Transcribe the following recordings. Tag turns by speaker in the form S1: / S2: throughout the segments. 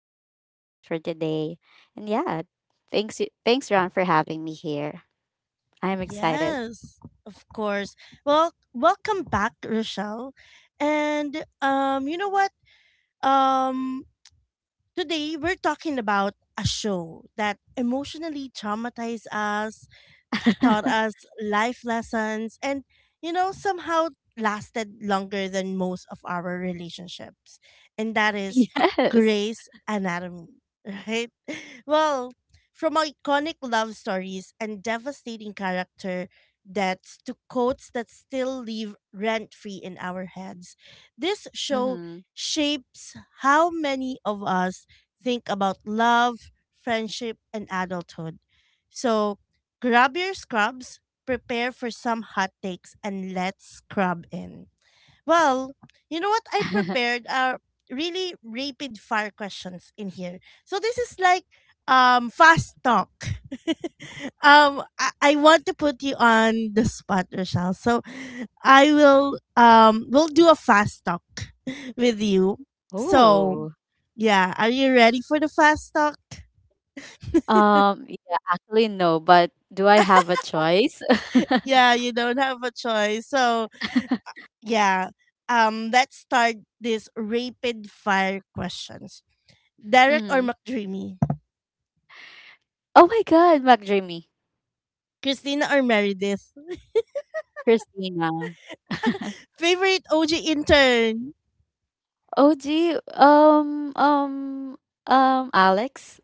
S1: co-host for today. And yeah, thanks Ron for having me here. I'm excited.
S2: Yes, of course. Well, welcome back, Rochelle. And you know what? Um, today, we're talking about a show that emotionally traumatized us taught us life lessons and, somehow lasted longer than most of our relationships. And that is
S1: Yes.
S2: Grey's Anatomy, right? Well, from iconic love stories and devastating character deaths to quotes that still live rent free in our heads, this show
S1: Mm-hmm.
S2: shapes how many of us think about love, friendship, and adulthood. So grab your scrubs, prepare for some hot takes, and let's scrub in. Well, you know what? I prepared really rapid fire questions in here. So this is like fast talk. I want to put you on the spot, Rochelle. So I will we'll do a fast talk with you. So
S1: Oh.
S2: yeah, are you ready for the fast talk?
S1: Yeah, actually, no, but do I have a choice?
S2: Yeah, you don't have a choice. So yeah. Let's start this rapid fire questions. Derek or
S1: Mm-hmm.
S2: McDreamy?
S1: Oh my god, McDreamy.
S2: Christina or Meredith?
S1: Christina.
S2: Favorite OG intern?
S1: OG, um um Alex.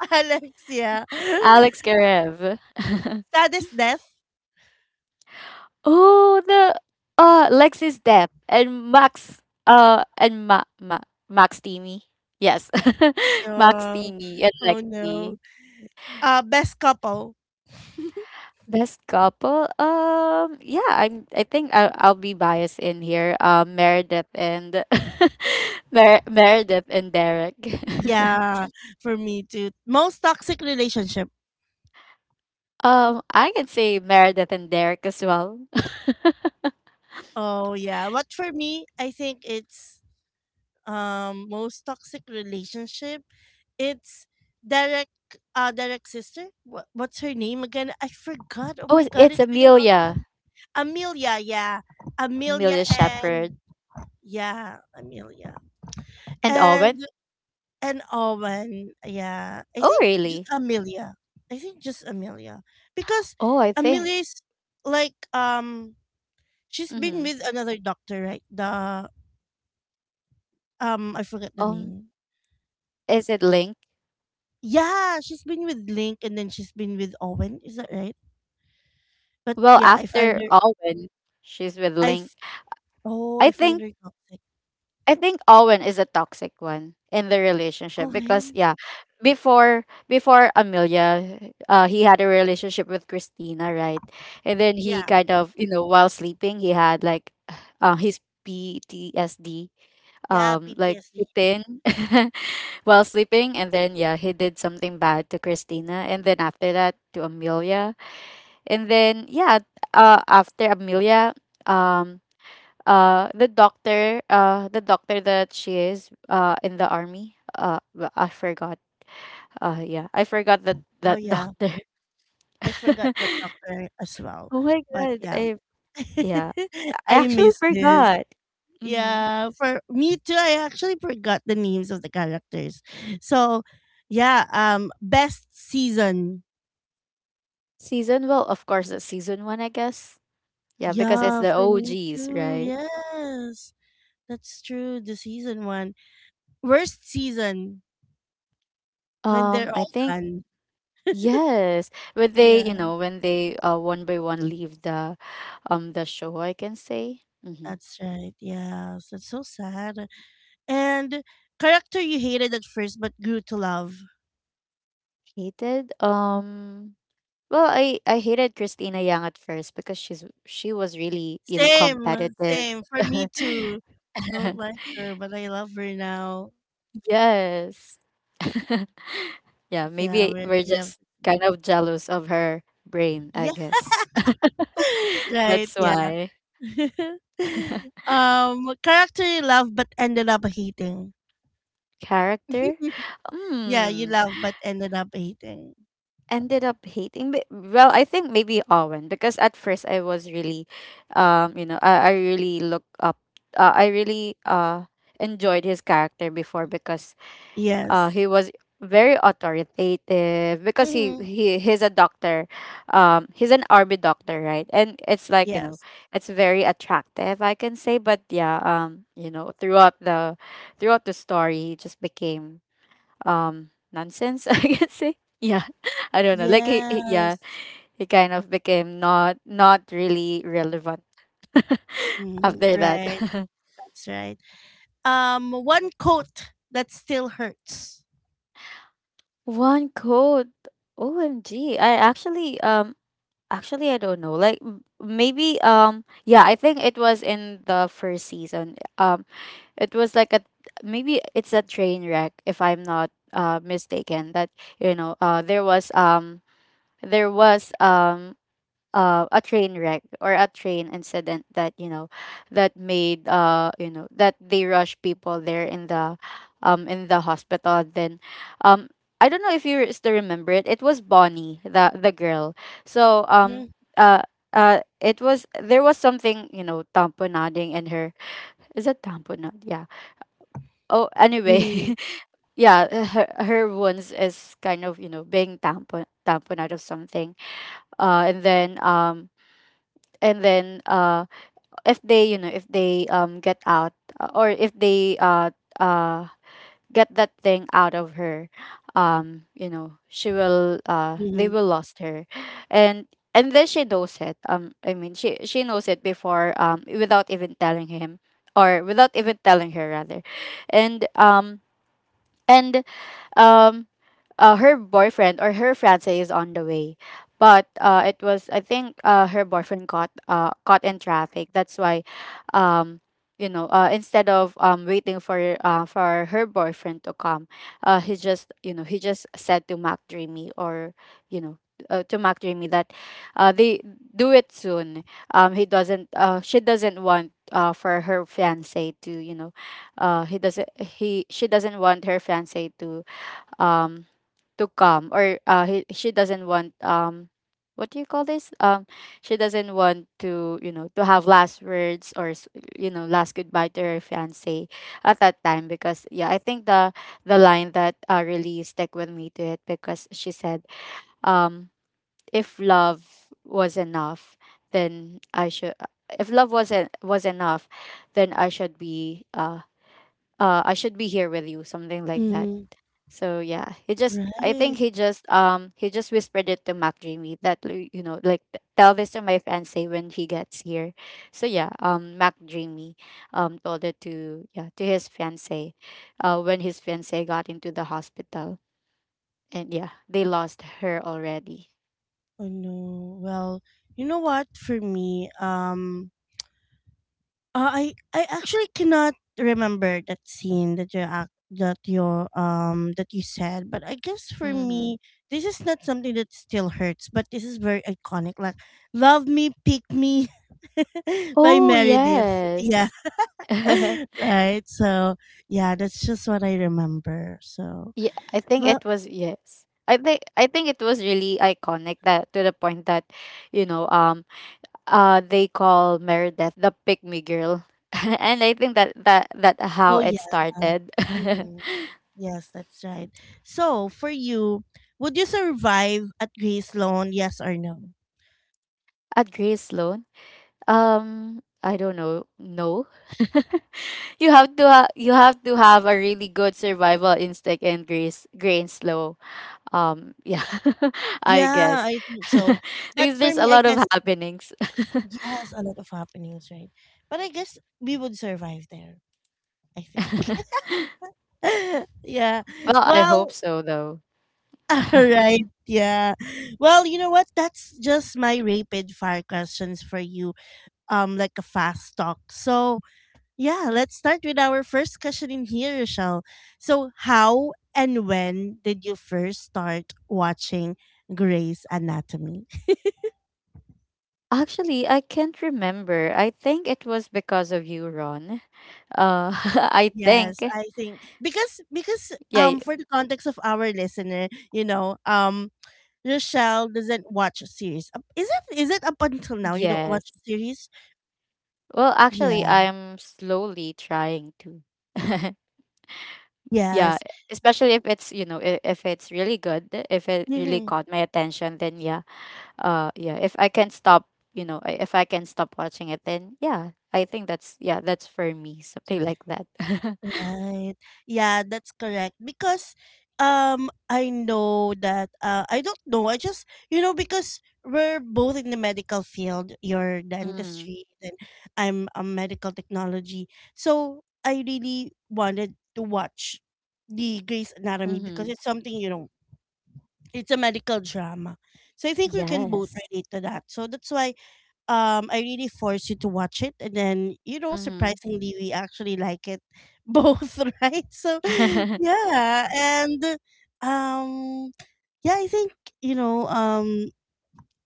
S2: Alexia.
S1: Alex Karev.
S2: Saddest death?
S1: Oh, the Lexis Depp and Max and Ma, Ma Max Teamy. Yes. Max
S2: Yeah.
S1: Teamy and
S2: Oh no.
S1: Lexi.
S2: Best couple?
S1: Best couple. Yeah, I think I'll be biased in here. Meredith and Meredith and Derek.
S2: Yeah, for me too. Most toxic relationship?
S1: I can say Meredith and Derek as well.
S2: Oh yeah. What for me? I think it's most toxic relationship. It's Derek. Derek's sister. What, what's her name again? I forgot. Oh my
S1: Oh,
S2: god,
S1: it's
S2: it's been a long
S1: Amelia.
S2: time. Amelia. Yeah, Amelia
S1: Amelia Shepherd
S2: and Yeah, Amelia.
S1: and Owen.
S2: And and Owen, yeah. I
S1: Oh,
S2: think just
S1: really?
S2: Amelia. I think just Amelia. Because
S1: Oh, I think.
S2: Amelia is like she's been
S1: Mm-hmm.
S2: with another doctor, right? The I forget the
S1: Um,
S2: name.
S1: Is it Link?
S2: Yeah, she's been with Link, and then she's been with Owen, is that right? But
S1: Well,
S2: yeah, I find
S1: after
S2: her
S1: Owen, she's with
S2: I
S1: Link.
S2: f- oh, I
S1: I
S2: find
S1: think
S2: her toxic.
S1: I think Owen is a toxic one in the relationship because
S2: Owen?
S1: yeah, before Amelia, he had a relationship with Christina, right? And then he
S2: Yeah.
S1: kind of, you know, while sleeping he had, like, his PTSD
S2: Yeah,
S1: like
S2: PTSD.
S1: kicked in, while sleeping, and then yeah, he did something bad to Christina, and then after that to Amelia. And then yeah, after Amelia, um, the doctor, that she is, in the army, I forgot. Yeah, I forgot that
S2: Oh
S1: that
S2: yeah.
S1: doctor.
S2: I forgot that doctor as well.
S1: Oh my
S2: But
S1: god,
S2: yeah.
S1: I yeah, I
S2: I
S1: actually
S2: miss this.
S1: forgot. Mm-hmm.
S2: Yeah, for me too. I actually forgot the names of the characters. So, yeah, best season.
S1: Season, well, of course, the season one, I guess. Yeah, because it's
S2: Yeah,
S1: the
S2: for me
S1: OGs,
S2: too.
S1: right?
S2: Yes. That's true. The season one. Worst season when they're
S1: I
S2: all
S1: think
S2: done.
S1: yes, when they, you
S2: Yeah,
S1: know, when they one by one leave the show, I can say. Mm-hmm.
S2: that's right. Yes. That's so sad. And character you hated at first but grew to love.
S1: Hated. Well, I hated Christina Yang at first because she was really, you know,
S2: Same,
S1: competitive.
S2: same. For me too. Don't like her, but I love her now.
S1: Yes. Yeah,
S2: Yeah,
S1: maybe
S2: we
S1: we're
S2: we have,
S1: just kind of jealous of her brain, I
S2: yeah,
S1: guess.
S2: right,
S1: That's
S2: yeah.
S1: why.
S2: Character you love but ended up hating.
S1: Character?
S2: yeah, you
S1: Hmm.
S2: love but ended up hating.
S1: Ended up hating, but well, I think maybe Owen, because at first I was really, um you know i, I really look up I really enjoyed his character before, because
S2: Yes.
S1: he was very authoritative, because he,
S2: Mm-hmm.
S1: he he's a doctor, he's an army doctor, right? And it's like,
S2: Yes.
S1: it's very attractive, I can say. But yeah, throughout the story, he just became nonsense, I can say. Yeah. I don't know. Like, he yeah,
S2: Yes.
S1: he kind of became not really relevant
S2: Mhm.
S1: after that.
S2: Right. That's right. One coat that still hurts.
S1: One quote. OMG. I actually actually I don't know. Like, maybe yeah, I think it was in the first season. It was like a maybe it's a train wreck, if I'm not mistaken, that there was, there was um a train wreck or a train incident that that made, that they rush people there in the hospital. Then um I don't know if you still remember it, it was Bonnie, the girl. So
S2: Mhm.
S1: uh it was there was something, you know, tamponading in her. Is it tamponade? Yeah. Oh, anyway.
S2: Mhm.
S1: Yeah, her wounds is kind of, you know, being tamponade of something. And then, and then uh if they get out, or if they uh get that thing out of her, she will, they
S2: Mhm.
S1: will lost her. And then she knows it, I mean, she knows it before, without even telling him, or without even telling her, rather. And um and um Her boyfriend or her fiance is on the way, but it was I think, her boyfriend caught, caught in traffic, that's why, um, instead of, waiting for, her boyfriend to come, he just, said to Mac Dreamy, or, you know to Mac Dreamy, that, they do it soon. He doesn't, she doesn't want, for her fiance to, you know he doesn't he she doesn't want her fiance to, um to come, or she doesn't want, what do you call this, she doesn't want to, to have last words, or last goodbye to her fiance at that time, because yeah, I think the line that, really stuck with me, to it, because she said, um "If love was enough, then I should, if love wasn't was en- was enough, then I should be here with you," something like that.
S2: Mhm.
S1: So yeah, he just I think
S2: Right.
S1: he just whispered it to Mac Dreamy, that like, like, "T- tell this to my fiance when he gets here." So yeah, Mac Dreamy told it to his fiance, when his fiance got into the hospital, and yeah, they lost her already.
S2: Oh no. Well, you know what? For me, I actually cannot remember that scene that you act that your that you said, but I guess for
S1: Mm-hmm.
S2: me, this is not something that still hurts, but this is very iconic. Like, "Love Me, Pick Me" by
S1: Oh
S2: Meredith. Yeah.
S1: yes.
S2: right? So yeah, that's just what I remember. So
S1: Yeah, I think
S2: well,
S1: it was, yes. I think it was really iconic, that to the point that, you know, um they call Meredith "the pick me girl," and I think that how
S2: oh
S1: it
S2: yeah,
S1: started.
S2: hmm yes, that's right. So for you, would you survive at Grace Loan? Yes or no?
S1: At Grace Sloan. I don't know. No. You have to have a really good survival instinct and Grace grain slow. Yeah. I
S2: Yeah,
S1: guess.
S2: I think so. But
S1: Because
S2: for
S1: there's a
S2: me, I
S1: lot of
S2: guess
S1: happenings.
S2: yes, a lot of happenings, right? But I guess we would survive there. I think. yeah.
S1: Well, I hope
S2: Well.
S1: so though.
S2: All right. Yeah. Well, you know what? That's just my rapid fire questions for you. Like a fast talk. So yeah, let's start with our first question in here, Rochelle. So how and when did you first start watching Grey's Anatomy?
S1: Actually, I can't remember. I think it was because of you, Ron. Uh I think,
S2: Yes, I think because because
S1: yeah.
S2: um for the context of our listener, Rochelle doesn't watch series. Is it up until now you don't
S1: Yes.
S2: watch series?
S1: Well, actually,
S2: Yeah.
S1: I'm slowly trying to. Yeah,
S2: Yes.
S1: especially if it's, you know, if it's really good, if it really
S2: Mm-hmm.
S1: caught my attention, then yeah. Yeah, if I can stop, you know, if I can stop watching it, then yeah, I think that's, yeah, that's, for me, something like that.
S2: Right. Yeah, that's correct. Because I know that I don't know. I just because we're both in the medical field, your
S1: Mm-hmm.
S2: dentistry and I'm a medical technology. So I really wanted to watch the Grey's Anatomy because
S1: Mm-hmm.
S2: it's something, it's a medical drama. So I think we can both
S1: Yes.
S2: relate to that. So that's why I really forced you to watch it, and then you know
S1: Mm-hmm.
S2: surprisingly we actually like it both, right? So yeah. And um yeah, I think you know um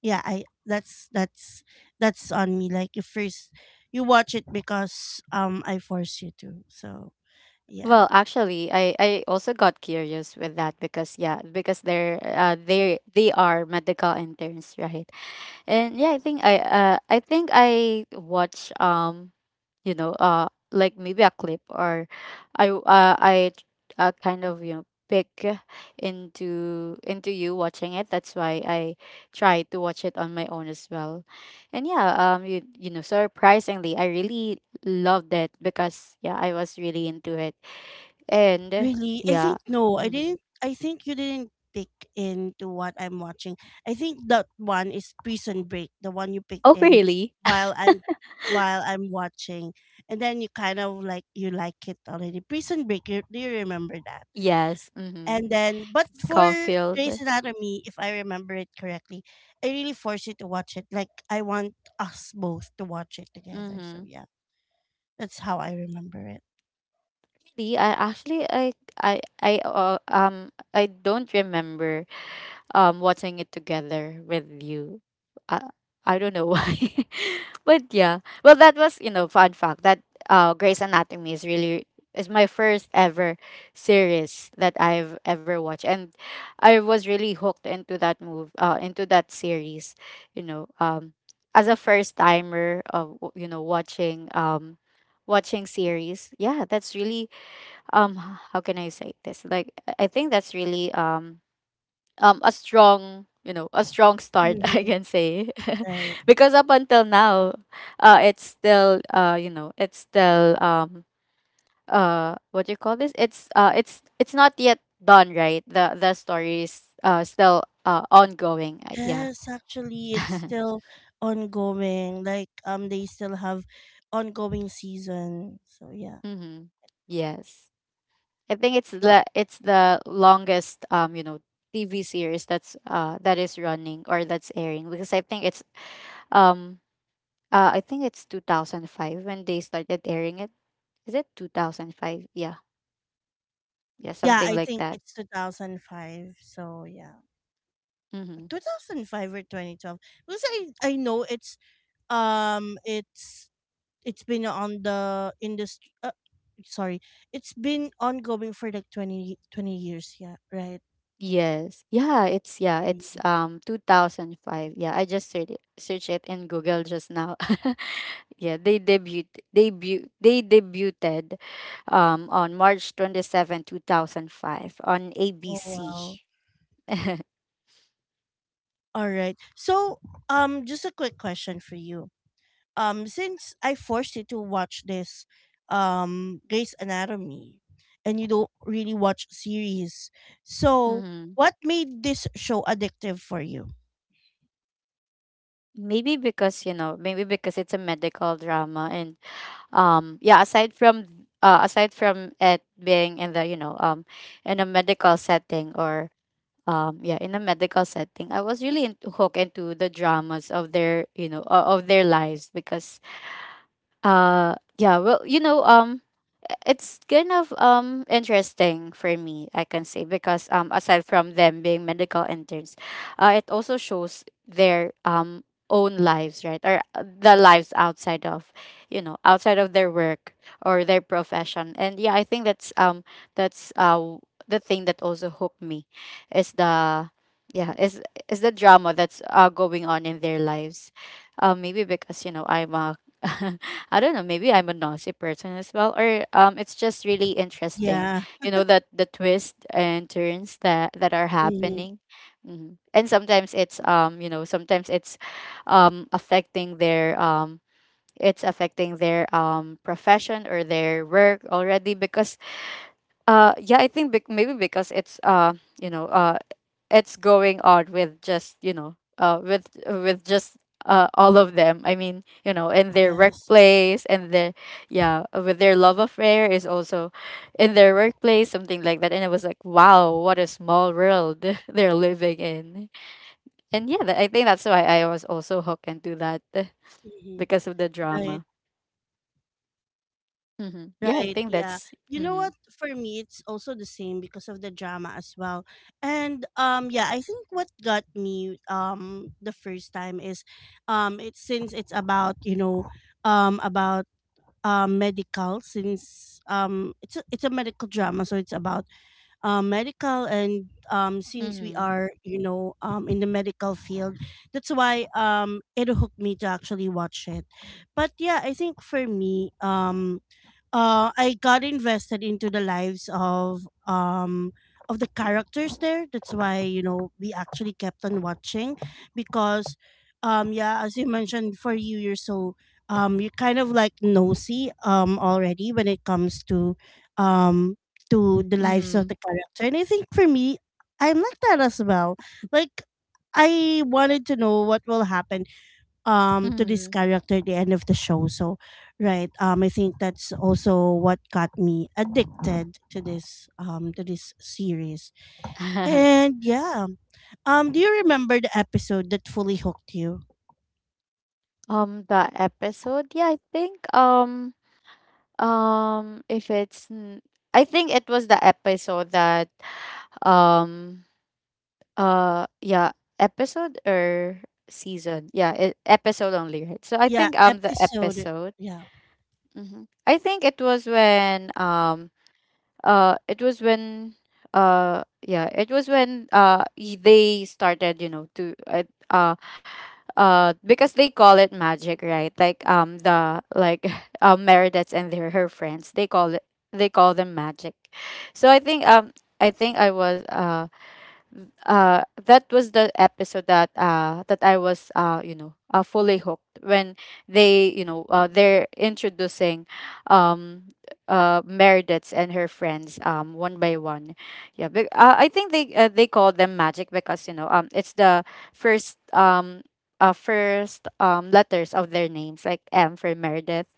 S2: yeah, I that's on me. Like you first you watch it because I force you to, so
S1: Well,
S2: yeah.
S1: actually, I also got curious with that, because yeah, because they are medical interns, right? And yeah, I think I watch, like maybe a clip, or, I kind of, pick into you watching it. That's why I try to watch it on my own as well. And yeah, surprisingly, I really loved it, because yeah, I was really into it. And
S2: Really? I
S1: yeah.
S2: think no.
S1: Mm-hmm.
S2: I think you didn't pick into what I'm watching. I think that one is Prison Break, the one you picked
S1: Oh
S2: in
S1: really?
S2: while I'm while I'm watching. And then you kind of like you like it already. Prison Break, do you remember that?
S1: Yes. Mm-hmm.
S2: And then, but
S1: It's
S2: for Grey's
S1: Caulfield.
S2: Anatomy, if I remember it correctly, I really force you to watch it. Like I want us both to watch it together. So
S1: Mm-hmm.
S2: yeah. That's how I remember it.
S1: Actually, I I don't remember watching it together with you. Uh, I don't know why. But yeah. Well, that was, you know, fun fact, that Grey's Anatomy is my first ever series that I've ever watched, and I was really hooked into that series, you know, as a first timer of, watching, watching series. Yeah, that's really, how can I say this? Like, I think that's really, a strong start, I
S2: Mhm,
S1: can say,
S2: right.
S1: because up until now, it's still, what do you call this, it's, it's not yet done, right? The story is still ongoing, yeah.
S2: Yes, actually, it's still ongoing. Like, they still have ongoing season. So yeah,
S1: Mm-hmm. Yes, I think it's
S2: but
S1: the longest, TV series that's that is running, or that's airing, because um I think it's 2005 when they started airing it. Is it 2005? Yeah. Yeah,
S2: yeah,
S1: something
S2: I
S1: like
S2: think
S1: that.
S2: it's 2005. So yeah,
S1: Mhm.
S2: 2005 or 2012. Because I know um it's it's been on the industry sorry it's been ongoing for like 20 20 years, yeah, right,
S1: Yes. Yeah, it's yeah,
S2: so yeah.
S1: it's um 2005. Yeah, I just searched it in Google just now. Yeah, they debuted on March 27, 2005 on
S2: Oh
S1: ABC.
S2: wow. All right. So just a quick question for you. Since I forced you to watch this Grey's Anatomy, and you don't really watch series, so
S1: Mm-hmm.
S2: what made this show addictive for you?
S1: Maybe because it's a medical drama, and yeah. Aside from it being in the you know in a medical setting, or, yeah, in a medical setting, I was really, hooked into the dramas of their lives, because yeah, well, it's kind of, interesting for me, I can say, because aside from them being medical interns, it also shows their own lives, right? Or, the lives outside of their work, or their profession. And yeah, I think that's the thing that also hooked me is the yeah, is is the drama that's going on in their lives. Maybe because, you know, I'm a I don't know, maybe I'm a nosy person as well, or it's just really interesting,
S2: Yeah.
S1: you know, that the twists and turns that are
S2: Hmm.
S1: happening. And sometimes it's sometimes it's affecting their it's affecting their profession or their work already because yeah, I think maybe because it's you know, uh, it's going on with just, with just all of them. I mean, in their
S2: Yes.
S1: workplace and their yeah, with their love affair is also in their workplace, something like that. And it was like, wow, what a small world they're living in. And yeah, I think that's why I was also hooked into that
S2: Hmm.
S1: because of the
S2: Right.
S1: drama. Mm-hmm. Yeah, I
S2: Right,
S1: think
S2: yeah.
S1: that's.
S2: You know
S1: Mm-hmm.
S2: what? For me, it's also the same because of the drama as well. And yeah, I think what got me the first time is it's since it's about, about medical, since it's a medical drama, so it's about medical, and since we
S1: Mm-hmm.
S2: are, in the medical field, that's why it hooked me to actually watch it. But yeah, I think for me, I got invested into the lives of the characters there. That's why we actually kept on watching because yeah, as you mentioned, for you you're kind of like nosy already when it comes um to the lives of
S1: Mm-hmm.
S2: the character, and I think for me I'm like that as well. Like I wanted to know what will happen to this
S1: Mm-hmm.
S2: character at the end of the show, so right. I think that's also what got me addicted to this series. And do you remember the episode that fully hooked you?
S1: The episode, yeah, I think if it's n- I think it was the episode that um yeah, episode or season, yeah, episode only, right? So I
S2: Yeah,
S1: think the
S2: episode.
S1: episode.
S2: Yeah.
S1: Mm-hmm. I think it was when yeah, it was when they started, you know, to uh because they call it magic, right? Like the like Meredith and their her friends, they call it, they call them magic. So I think I think I was that was the episode that that I was you know, fully hooked when they, you know, they're introducing um Meredith and her friends one by one. Yeah, but I think they call them magic because, you know, it's the first first letters of their names, like M for Meredith,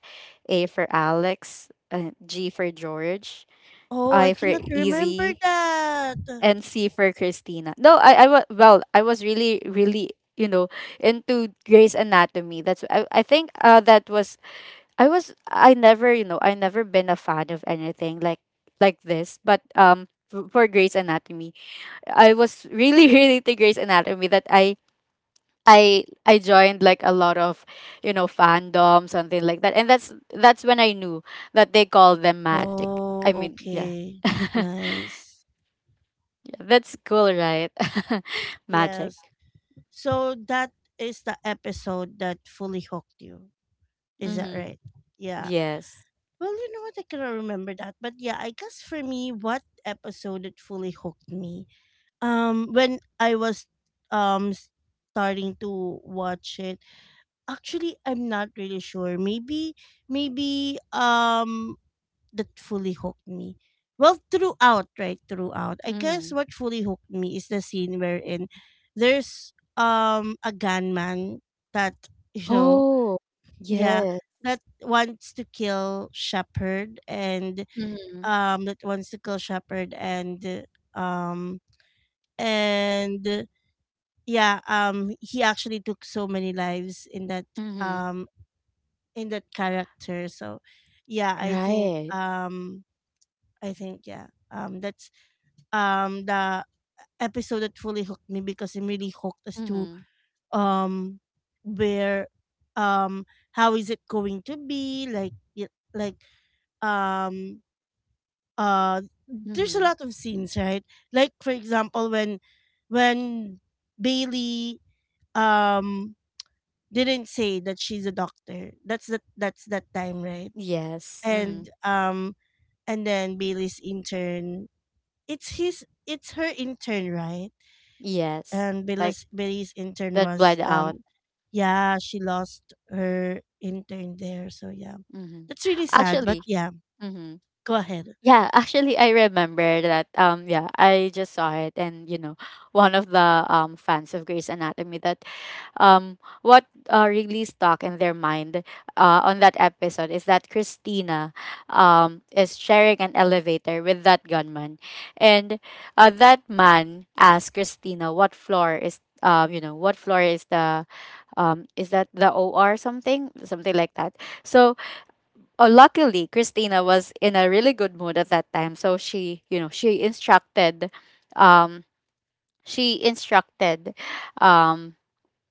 S1: A for Alex, G for George,
S2: Oh, I
S1: I for
S2: cannot remember
S1: Easy,
S2: that.
S1: and C for Christina. No, I was, well, I was really, really, you know, into Grey's Anatomy. That's, I think that was, I was, I never, you know, I never been a fan of anything like this, but for Grey's Anatomy, I was really really into Grey's Anatomy that I. I joined like a lot of, you know, fandom, something like that, and that's when I knew that they call them magic.
S2: Oh,
S1: I mean, yeah.
S2: okay. Nice.
S1: That's cool, right? Magic.
S2: Yes. So that is the episode that fully hooked you. Is that
S1: Mm-hmm.
S2: right? Yeah.
S1: Yes.
S2: Well, you know what? I cannot remember that. But yeah, I guess for me, what episode that fully hooked me? When I was um starting to watch it. Actually, I'm not really sure. Maybe that fully hooked me? Well, throughout, right? Throughout. I guess
S1: Mm-hmm.
S2: what fully hooked me is the scene wherein there's a gunman that, you know,
S1: Oh,
S2: yeah,
S1: yes.
S2: that wants to kill Shepherd and
S1: Mm-hmm.
S2: that wants to kill Shepherd, and um and yeah, he actually took so many lives
S1: Mm-hmm.
S2: um in that character. So yeah,
S1: Right.
S2: I think yeah. That's the episode that fully hooked me because I'm really hooked as to
S1: Mm-hmm.
S2: um where um how is it going to be, like like um uh there's a
S1: Mm-hmm.
S2: lot of scenes, right, like for example when when Bailey um didn't say that she's a doctor, that's that time, right.
S1: Yes. Mm-hmm.
S2: And then Bailey's intern, it's her intern, right.
S1: Yes.
S2: And
S1: Like
S2: Billy's intern
S1: that
S2: was
S1: bled out.
S2: yeah she lost her intern there, so yeah,
S1: Mm-hmm.
S2: that's really sad, but
S1: Actually,
S2: yeah,
S1: Mm-hmm.
S2: go ahead.
S1: Yeah, actually I remember that. Yeah, I just saw it, and you know, one of the fans of Grey's Anatomy that what really stuck in their mind, on that episode, is that Christina is sharing an elevator with that gunman, and that man asked Christina, what floor is, you know, what floor is the, is that the OR, something, something like that. So luckily Christina was in a really good mood at that time, so she, you know, she instructed, um, she instructed, um,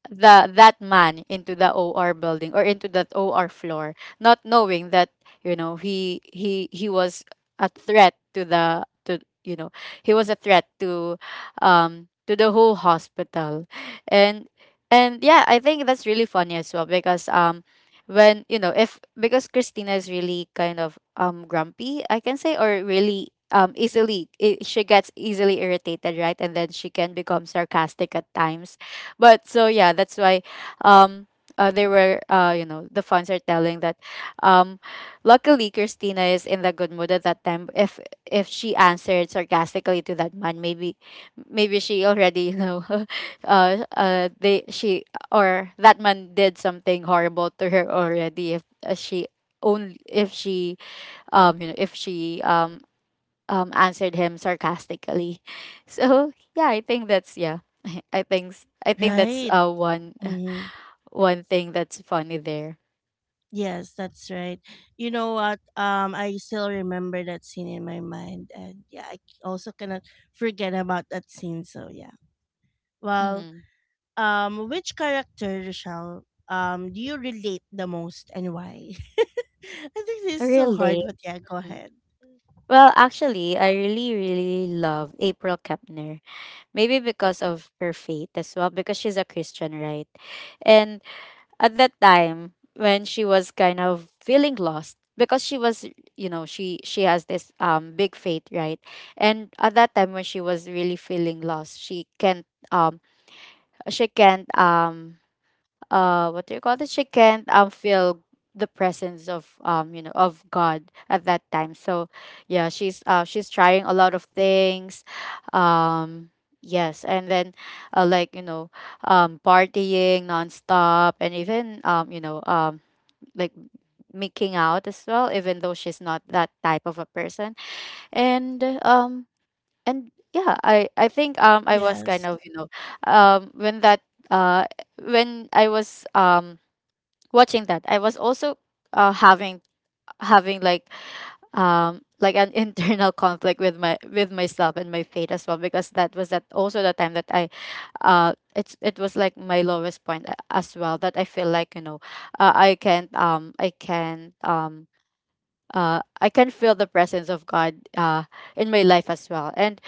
S1: the that man into the OR building, or into that OR floor, not knowing that, you know, he was a threat to the, to you know, he was a threat to the whole hospital. And and yeah, I think that's really funny as well because when, you know, if because Christina is really kind of grumpy, I can say, or really easily I she gets easily irritated, right? And then she can become sarcastic at times, but so yeah, that's why um they were, you know, the fans are telling that um luckily Christina is in the good mood at that time. If she answered sarcastically to that man, maybe, maybe she already, you know, they she, or that man did something horrible to her already. If she, only if she, you know, if she answered him sarcastically. So yeah, I think that's, yeah. I think I think that's
S2: Right.
S1: one,
S2: Mm-hmm.
S1: one thing that's funny there.
S2: Yes, that's right. You know what? I still remember that scene in my mind, and yeah, I also cannot forget about that scene, so yeah. Well,
S1: Mm-hmm.
S2: which character shall do you relate the most and why? I think this is so hard,
S1: Really?
S2: but yeah, go
S1: Hmm.
S2: ahead.
S1: Well, actually, I really, really love April Kepner. Maybe because of her faith as well, because she's a Christian, right? And at that time when she was kind of feeling lost, because she was, you know, she has this big faith, right? And at that time when she was really feeling lost, she can't what do you call this, she can't feel the presence of, you know, of God at that time. So yeah, she's trying a lot of things, um yes, and then like, you know, partying nonstop, and even you know, like making out as well, even though she's not that type of a person. and um and yeah, I think I was kind
S2: Yes.
S1: of, you know, when that uh when I was watching that, I was also having, having like an internal conflict with my, with myself and my fate as well, because that was, that also the time that I it's, it was like my lowest point as well, that I feel like, you know, I can, I can, I can feel the presence of God in my life as well. And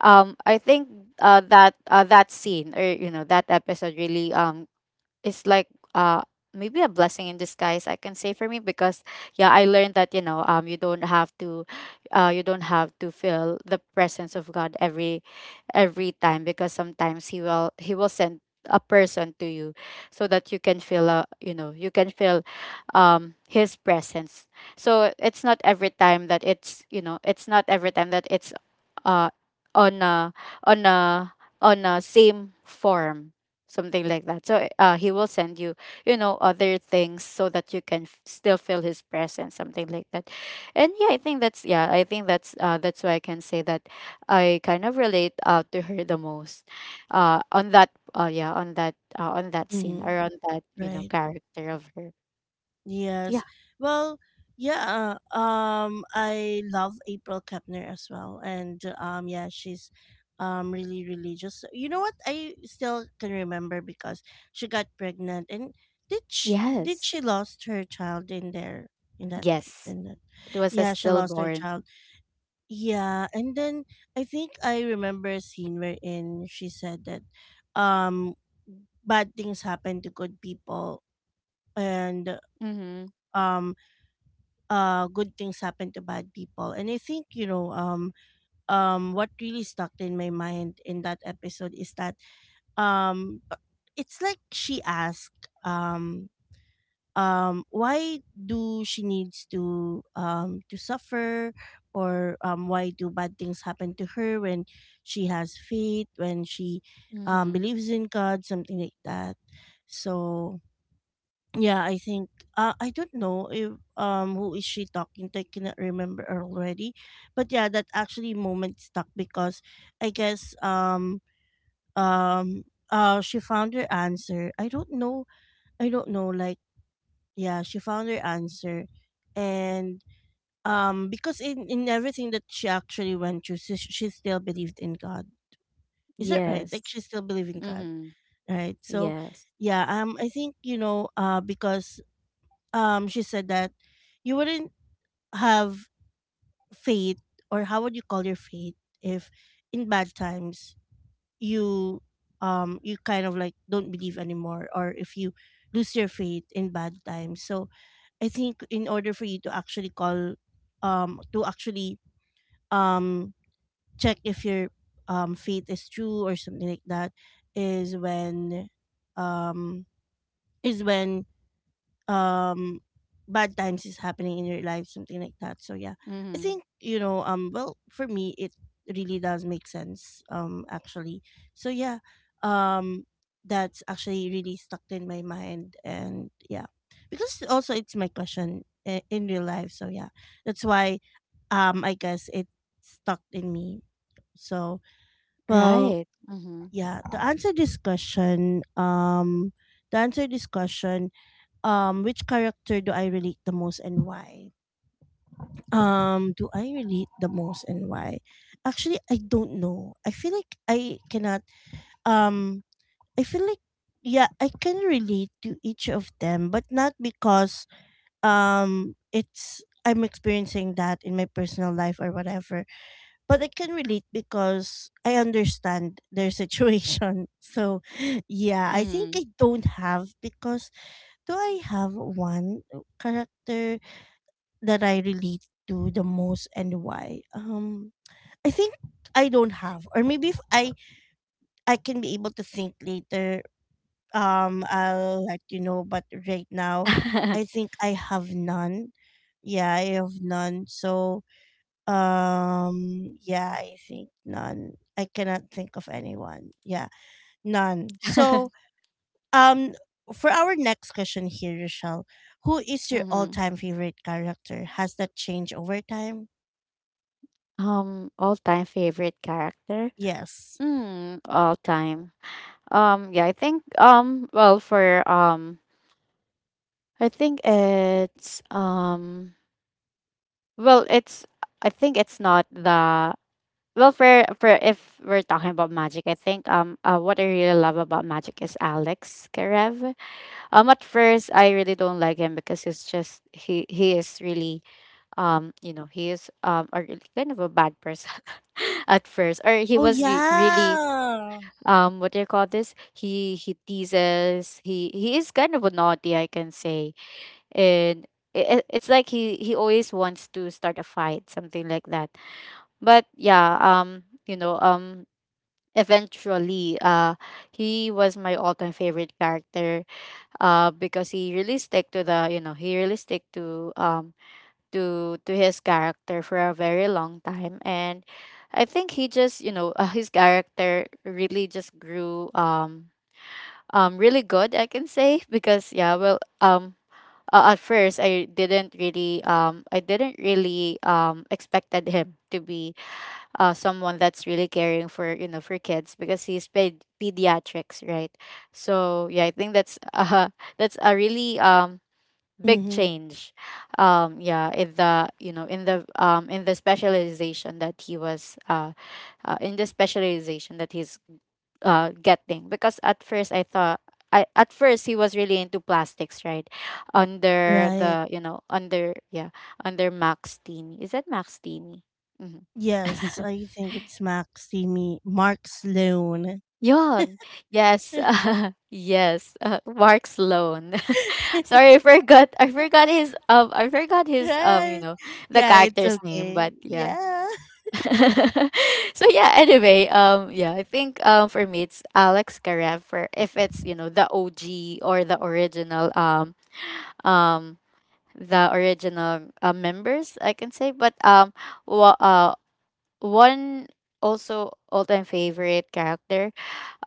S1: I think that scene, or you know, that episode really, it's like uh maybe a blessing in disguise, I can say, for me because yeah, I learned that, you know, you don't have to, you don't have to feel the presence of God every time, because sometimes he will, he will send a person to you so that you can feel a, you know, you can feel his presence. So it's not every time that it's, you know, it's not every time that it's uh on a, on a, on a same form, something like that. So he will send you, you know, other things, so that you can still feel his presence, something like that. And yeah, I think that's, yeah, I think that's why I can say that I kind of relate to her the most, on that, yeah, on that, on that scene
S2: Mm-hmm.
S1: or on that, you know,
S2: Right.
S1: character of her. Yeah.
S2: Yes. Well, yeah. I love April Kepner as well, and yeah, she's really religious. You know what? I still can remember because she got pregnant, and did she did
S1: Yes.
S2: she lost her child in there in that
S1: Yes.
S2: in that?
S1: It was a
S2: Yeah, she lost her
S1: stillborn.
S2: child. Yeah, and then I think I remember a scene wherein she said that um bad things happen to good people, and
S1: Mm-hmm.
S2: um good things happen to bad people. And I think what really stuck in my mind in that episode is that um it's like she asked why do she needs to suffer, or why do bad things happen to her when she has faith, when she
S1: Mm-hmm.
S2: believes in God, something like that. So yeah, I think, I don't know if who is she talking to. I cannot remember already. But yeah, that actually moment stuck because I guess um she found her answer. I don't know, like, yeah, she found her answer. And because in everything that she actually went through, she still believed in God. Is that right? Like
S1: Yes.
S2: she still believed in God,
S1: Mm-hmm.
S2: right? So
S1: Yes.
S2: yeah, I think, because she said that you wouldn't have faith, or how would you call your faith if in bad times you you kind of like don't believe anymore, or if you lose your faith in bad times. So I think, in order for you to actually call to actually um check if your faith is true or something like that, is when um is when um bad times is happening in your life, something like that. So yeah, I
S1: Mm-hmm.
S2: think, well, for me it really does make sense, actually. So yeah, um that's actually really stuck in my mind, and yeah, because also it's my question, in real life. So yeah, that's why I guess it stuck in me. So well,
S1: Right. Mm-hmm.
S2: yeah, to answer this question, which character do I relate the most and why? Do I relate the most and why? Actually, I don't know. I feel like um I feel like yeah, I can relate to each of them, but not because it's I'm experiencing that in my personal life or whatever. But I can relate because I understand their situation. So yeah, I think
S1: Mm-hmm.
S2: I don't have, because do I have one character that I relate to the most and why? I think I don't have, or maybe if I can be able to think later. I'll let you know. But right now, I think I have none. Yeah, I have none. So, yeah, I think none. I cannot think of anyone. Yeah, none. So, um, for our next question here, Rochelle, who is your
S1: Mm-hmm.
S2: all-time favorite character? Has that changed over time?
S1: All time favorite character.
S2: Yes.
S1: Mm. All time. Yeah, I think well, for I think it's well, it's, I think it's not the. Well, for if we're talking about magic, I think what I really love about magic is Alex Karev. At first I really don't like him because he's just, he is really you know, he is a really kind of a bad person at first, or he
S2: Oh,
S1: was really
S2: yeah.
S1: what do you call this? He teases. He is kind of a naughty, I can say, and. It, it's like he always wants to start a fight, something like that. But yeah, you know, eventually he was my all-time favorite character, because he really stick to the, you know, he really stick to, to his character for a very long time. And I think he just, you know, his character really just grew, really good, I can say. Because yeah, well, at first I didn't really, I didn't really expected him to be, someone that's really caring for, you know, for kids, because he's paid pediatrics, right? So yeah, I think that's, that's a really big
S2: Mm-hmm.
S1: change, yeah, in the, you know, in the, in the specialization that he was, in the specialization that he's, getting, because at first I thought I, at first he was really into plastics, right? Under
S2: Right.
S1: the, you know, under, yeah, under max team. Is that max team?
S2: Yes,
S1: Mm-hmm.
S2: I think it's Maximi Mark Sloan.
S1: Yon. Yes. Yes. Mark Sloan. Sorry, I forgot. I forgot his You
S2: Right.
S1: know, the
S2: Yeah, it's
S1: character's name.
S2: okay.
S1: But yeah.
S2: Yeah.
S1: So yeah. Anyway. Yeah. I think for me it's Alex Karev, for if it's, you know, the OG or the original, um the original, members, I can say. But wa- uh, one, also all time favorite character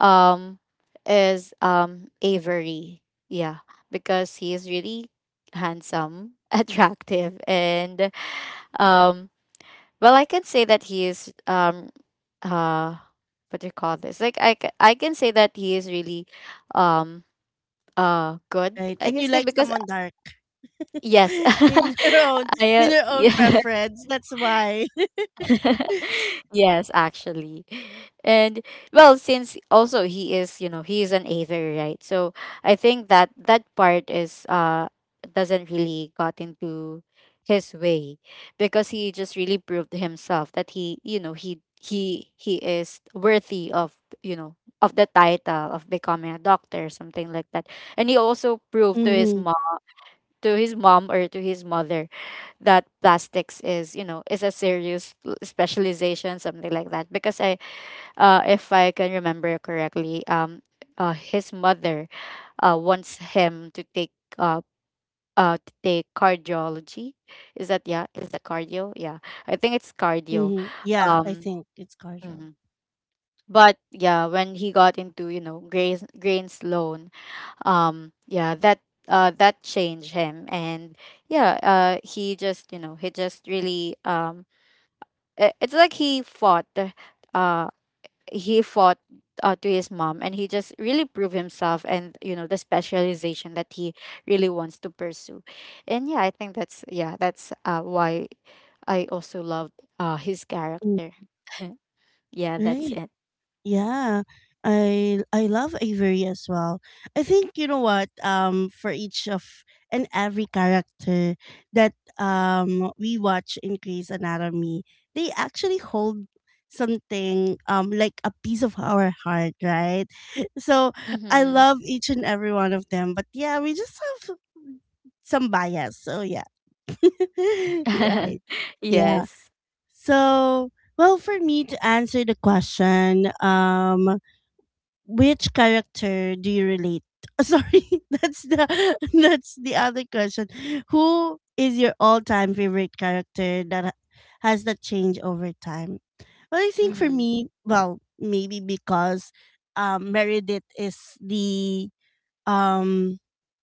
S1: um is Avery. Yeah, because he is really handsome, attractive, and um well, I can say that he is uh what do you call this? Like, I can say that he is really um good.
S2: Right.
S1: I
S2: And
S1: can
S2: you
S1: say
S2: like
S1: because,
S2: someone dark,
S1: yes.
S2: in your own
S1: I
S2: in your own
S1: yeah.
S2: preference. That's why.
S1: Yes, actually. And, well, since also he is, you know, he is an aether, right? So I think that, that part is doesn't really got into his way, because he just really proved himself that he, you know, he is worthy of, you know, of the title of becoming a doctor, something like that. And he also proved
S2: Mm-hmm.
S1: to his mom or to his mother that plastics is is a serious specialization, something like that. Because I if I can remember correctly, his mother wants him uh to take cardiology. Is that, yeah, is that cardio? Yeah, I think it's cardio.
S2: Mm-hmm. Yeah, I
S1: um
S2: think it's Carjo.
S1: mhm. But yeah, when he got into, you know, grains loan, yeah, that that changed him. And yeah, he just, you know, he just really it's like he fought, uh he fought, to his mom, and he just really proved himself and, you know, the specialization that he really wants to pursue. And yeah, I think that's, yeah, that's why I also loved his
S2: Mm.
S1: character. Yeah, that's
S2: Right.
S1: it.
S2: Yeah, I love Avery as well. I think you know what, for each of and every character that we watch in Grey's Anatomy, they actually hold something like a piece of our heart, right? So I
S1: Mm-hmm.
S2: love each and every one of them, but yeah, we just have some bias. So yeah. Right. Yeah.
S1: Yes.
S2: So, well, for me to answer the question, which character do you relate? Sorry, that's the that's the other question. Who is your all-time favorite character that has that change over time? Well, I think for
S1: Mm-hmm.
S2: me, well, maybe because Meredith um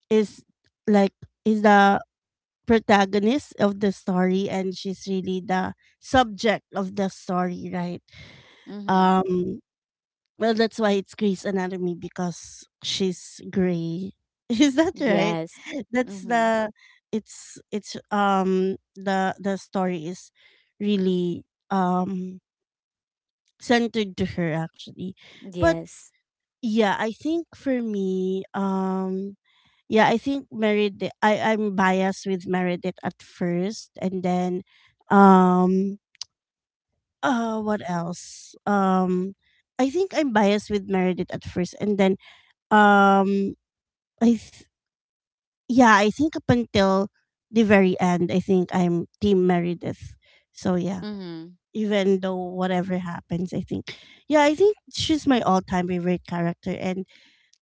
S2: is like is the protagonist of the story, and she's really the subject of the story, right?
S1: Mm-hmm.
S2: Um well, that's why it's Grey's Anatomy because she's gray. Is that right?
S1: Yes.
S2: That's
S1: Mm-hmm.
S2: the it's the story is really um centered to her, actually. But
S1: Yes.
S2: yeah, I think for me, yeah, I think Meredith, I'm biased with Meredith at first, and then um what else? I think I'm biased with Meredith at first, and then, Um, I th- yeah, I think up until the very end, I think I'm Team Meredith. So yeah,
S1: Mm-hmm.
S2: even though whatever happens, I think, yeah, I think she's my all-time favorite character, and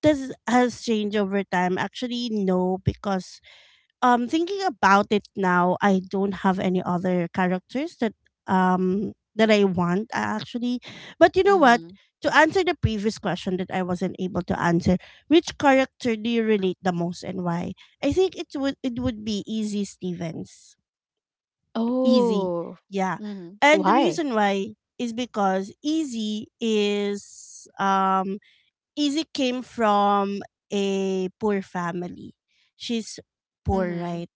S2: this has changed over time. Actually, no, because thinking about it now, I don't have any other characters that I want, actually. But you know what,
S1: Mm-hmm.
S2: to answer the previous question that I wasn't able to answer: which character do you relate the most and why? I think it would be Easy Stevens. Easy.
S1: Oh.
S2: Yeah.
S1: Mm-hmm.
S2: And the
S1: Why?
S2: reason why is because Easy came from a poor family. She's poor,
S1: Mm-hmm.
S2: right?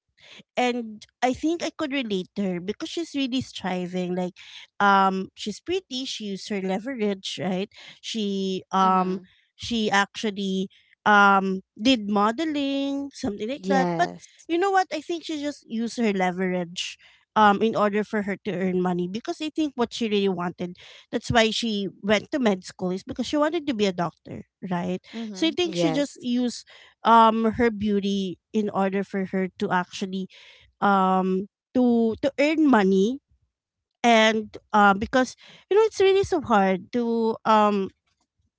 S2: And I think I could relate to her because she's really striving. Like, she's pretty. She used her leverage, right? She um,
S1: Mm-hmm.
S2: she actually did modeling, something like that. But
S1: Yes.
S2: you know what? I think she just used her leverage in order for her to earn money, because I think what she really wanted. That's why she went to med school is because she wanted to be a doctor, right? So I
S1: Mm-hmm.
S2: think she just
S1: Yes.
S2: used her beauty in order for her to actually um to earn money. And because you know it's really so hard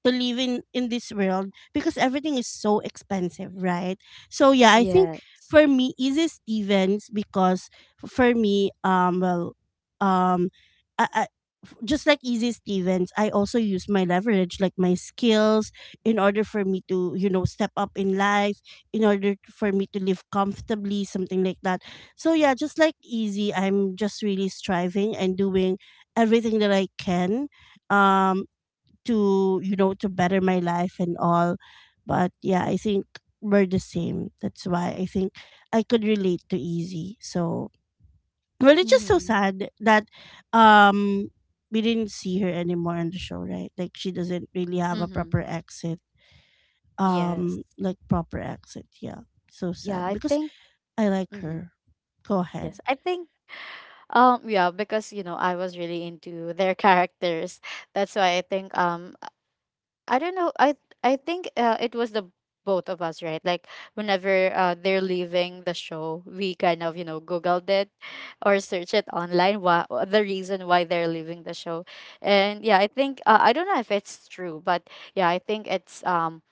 S2: to live in this world because everything is so expensive, right? So yeah, I think
S1: Yeah.
S2: for me Easy Stevens, because for me, um I just like Easy Stevens, I also use my leverage, like my skills, in order for me to, step up in life, in order for me to live comfortably, something like that. So, yeah, just like Easy, I'm just really striving and doing everything that I can, um, to better my life and all. But yeah, I think we're the same. That's why I think I could relate to Easy. So, well, it's just so
S1: Mm-hmm.
S2: sad that um we didn't see her anymore on the show, right? Like she doesn't really have a
S1: Mm-hmm.
S2: proper exit.
S1: Yes.
S2: Like proper exit. Yeah, so
S1: Yeah,
S2: sad
S1: I
S2: because
S1: think.
S2: I like
S1: Mm-hmm.
S2: her. Go ahead.
S1: Yes. I think, yeah, because, you know, I was really into their characters. That's why I think, I don't know. I think, it was the both of us, right? Like whenever, they're leaving the show, we kind of, you know, googled it or search it online, why the reason why they're leaving the show. And yeah, I think, I don't know if it's true, but yeah, I think um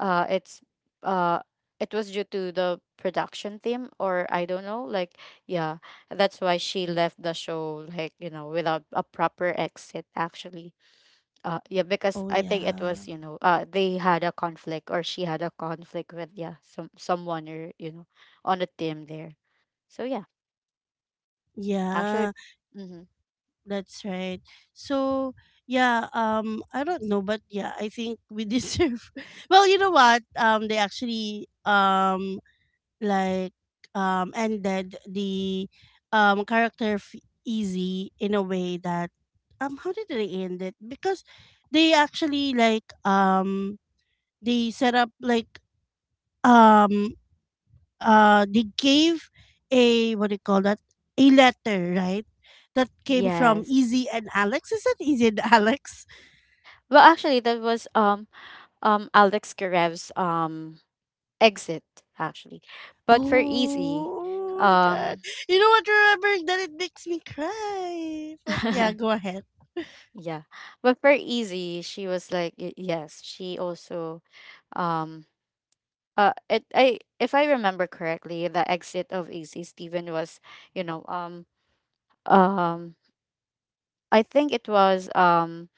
S1: uh it's uh it was due to the production theme or I don't know, like yeah, that's why she left the show, like, you know, without a proper exit, actually. Yeah, because
S2: Oh
S1: I think it was,
S2: yeah.
S1: you know, they had a conflict or she had a conflict with, yeah, someone, or, you know, on a team there. So yeah, actually,
S2: Yeah,
S1: hmm
S2: that's right. So yeah, I don't know, but yeah, I think we deserve. Well, you know what? They actually like ended the character Easy in a way that how did they end it? Because they actually, like, they set up like, um they gave a, what do you call that, a letter, right, that came from
S1: yes.
S2: Easy and Alex? Is that Easy and Alex?
S1: Well, actually, that was Alex Karev's exit, actually. But for Easy,
S2: Oh my God,
S1: um
S2: you know what, remembering that, it makes me cry. But yeah, go ahead.
S1: yeah, but for Easy, she was like, yes, she also, um it, I, if I remember correctly, the exit of AC Steven was, you know, um I think it was,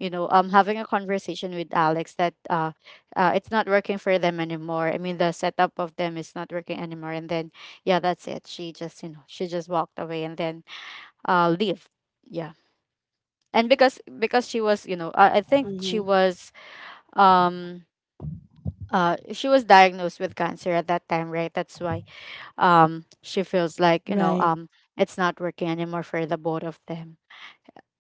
S1: you know, having a conversation with Alex that, it's not working for them anymore. I mean, the setup of them is not working anymore. And then yeah, that's it. She just, you know, she just walked away and then leave. Yeah. And because she was, you know, I think she
S2: Mm-hmm.
S1: was, um she was diagnosed with cancer at that time, right? That's why she feels like, you know,
S2: Right.
S1: it's not working anymore for the both of them.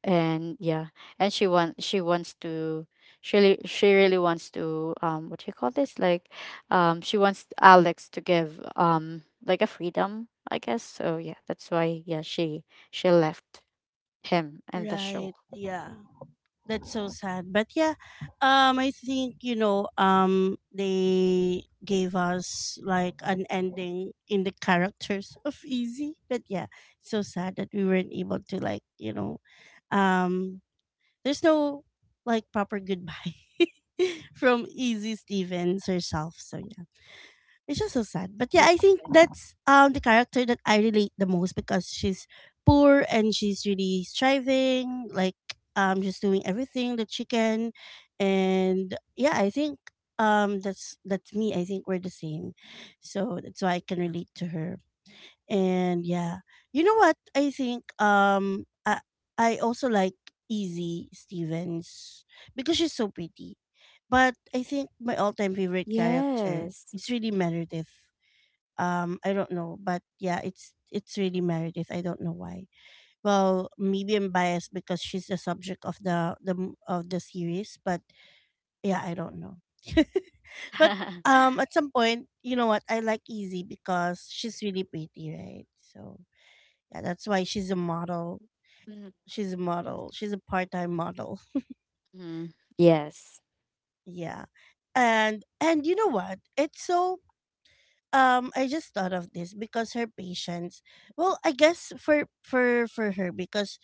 S1: And yeah, and she wants to, she really wants to, what do you call this, like, she wants Alex to give, like, a freedom, I guess. So yeah, that's why, yeah, she left him and the show.
S2: Right. Yeah. That's so sad. But yeah, I think, they gave us like an ending in the characters of Easy. But yeah, so sad that we weren't able to, like, um there's no like proper goodbye from Easy Stevens herself. So yeah. It's just so sad. But yeah,
S1: Yes.
S2: I think that's the character that I relate the most because she's poor and she's really striving, like, just doing everything that she can. And yeah, I think that's me. I think we're the same. So that's why I can relate to her. And yeah, you know what? I think I also like Easy Stevens because she's so pretty. But I think my all-time favorite character
S1: Yes.
S2: is really Meredith. I don't know, but yeah, it's really Meredith. I don't know why. Well, maybe I'm biased because she's the subject of of the series, but yeah, I don't know. But at some point, you know what? I like Easy because she's really pretty, right? So yeah, that's why she's a model. She's a model. She's a part-time model.
S1: Mhm. Yes.
S2: Yeah. And you know what? It's so I just thought of this because her patients, well, I guess for her, because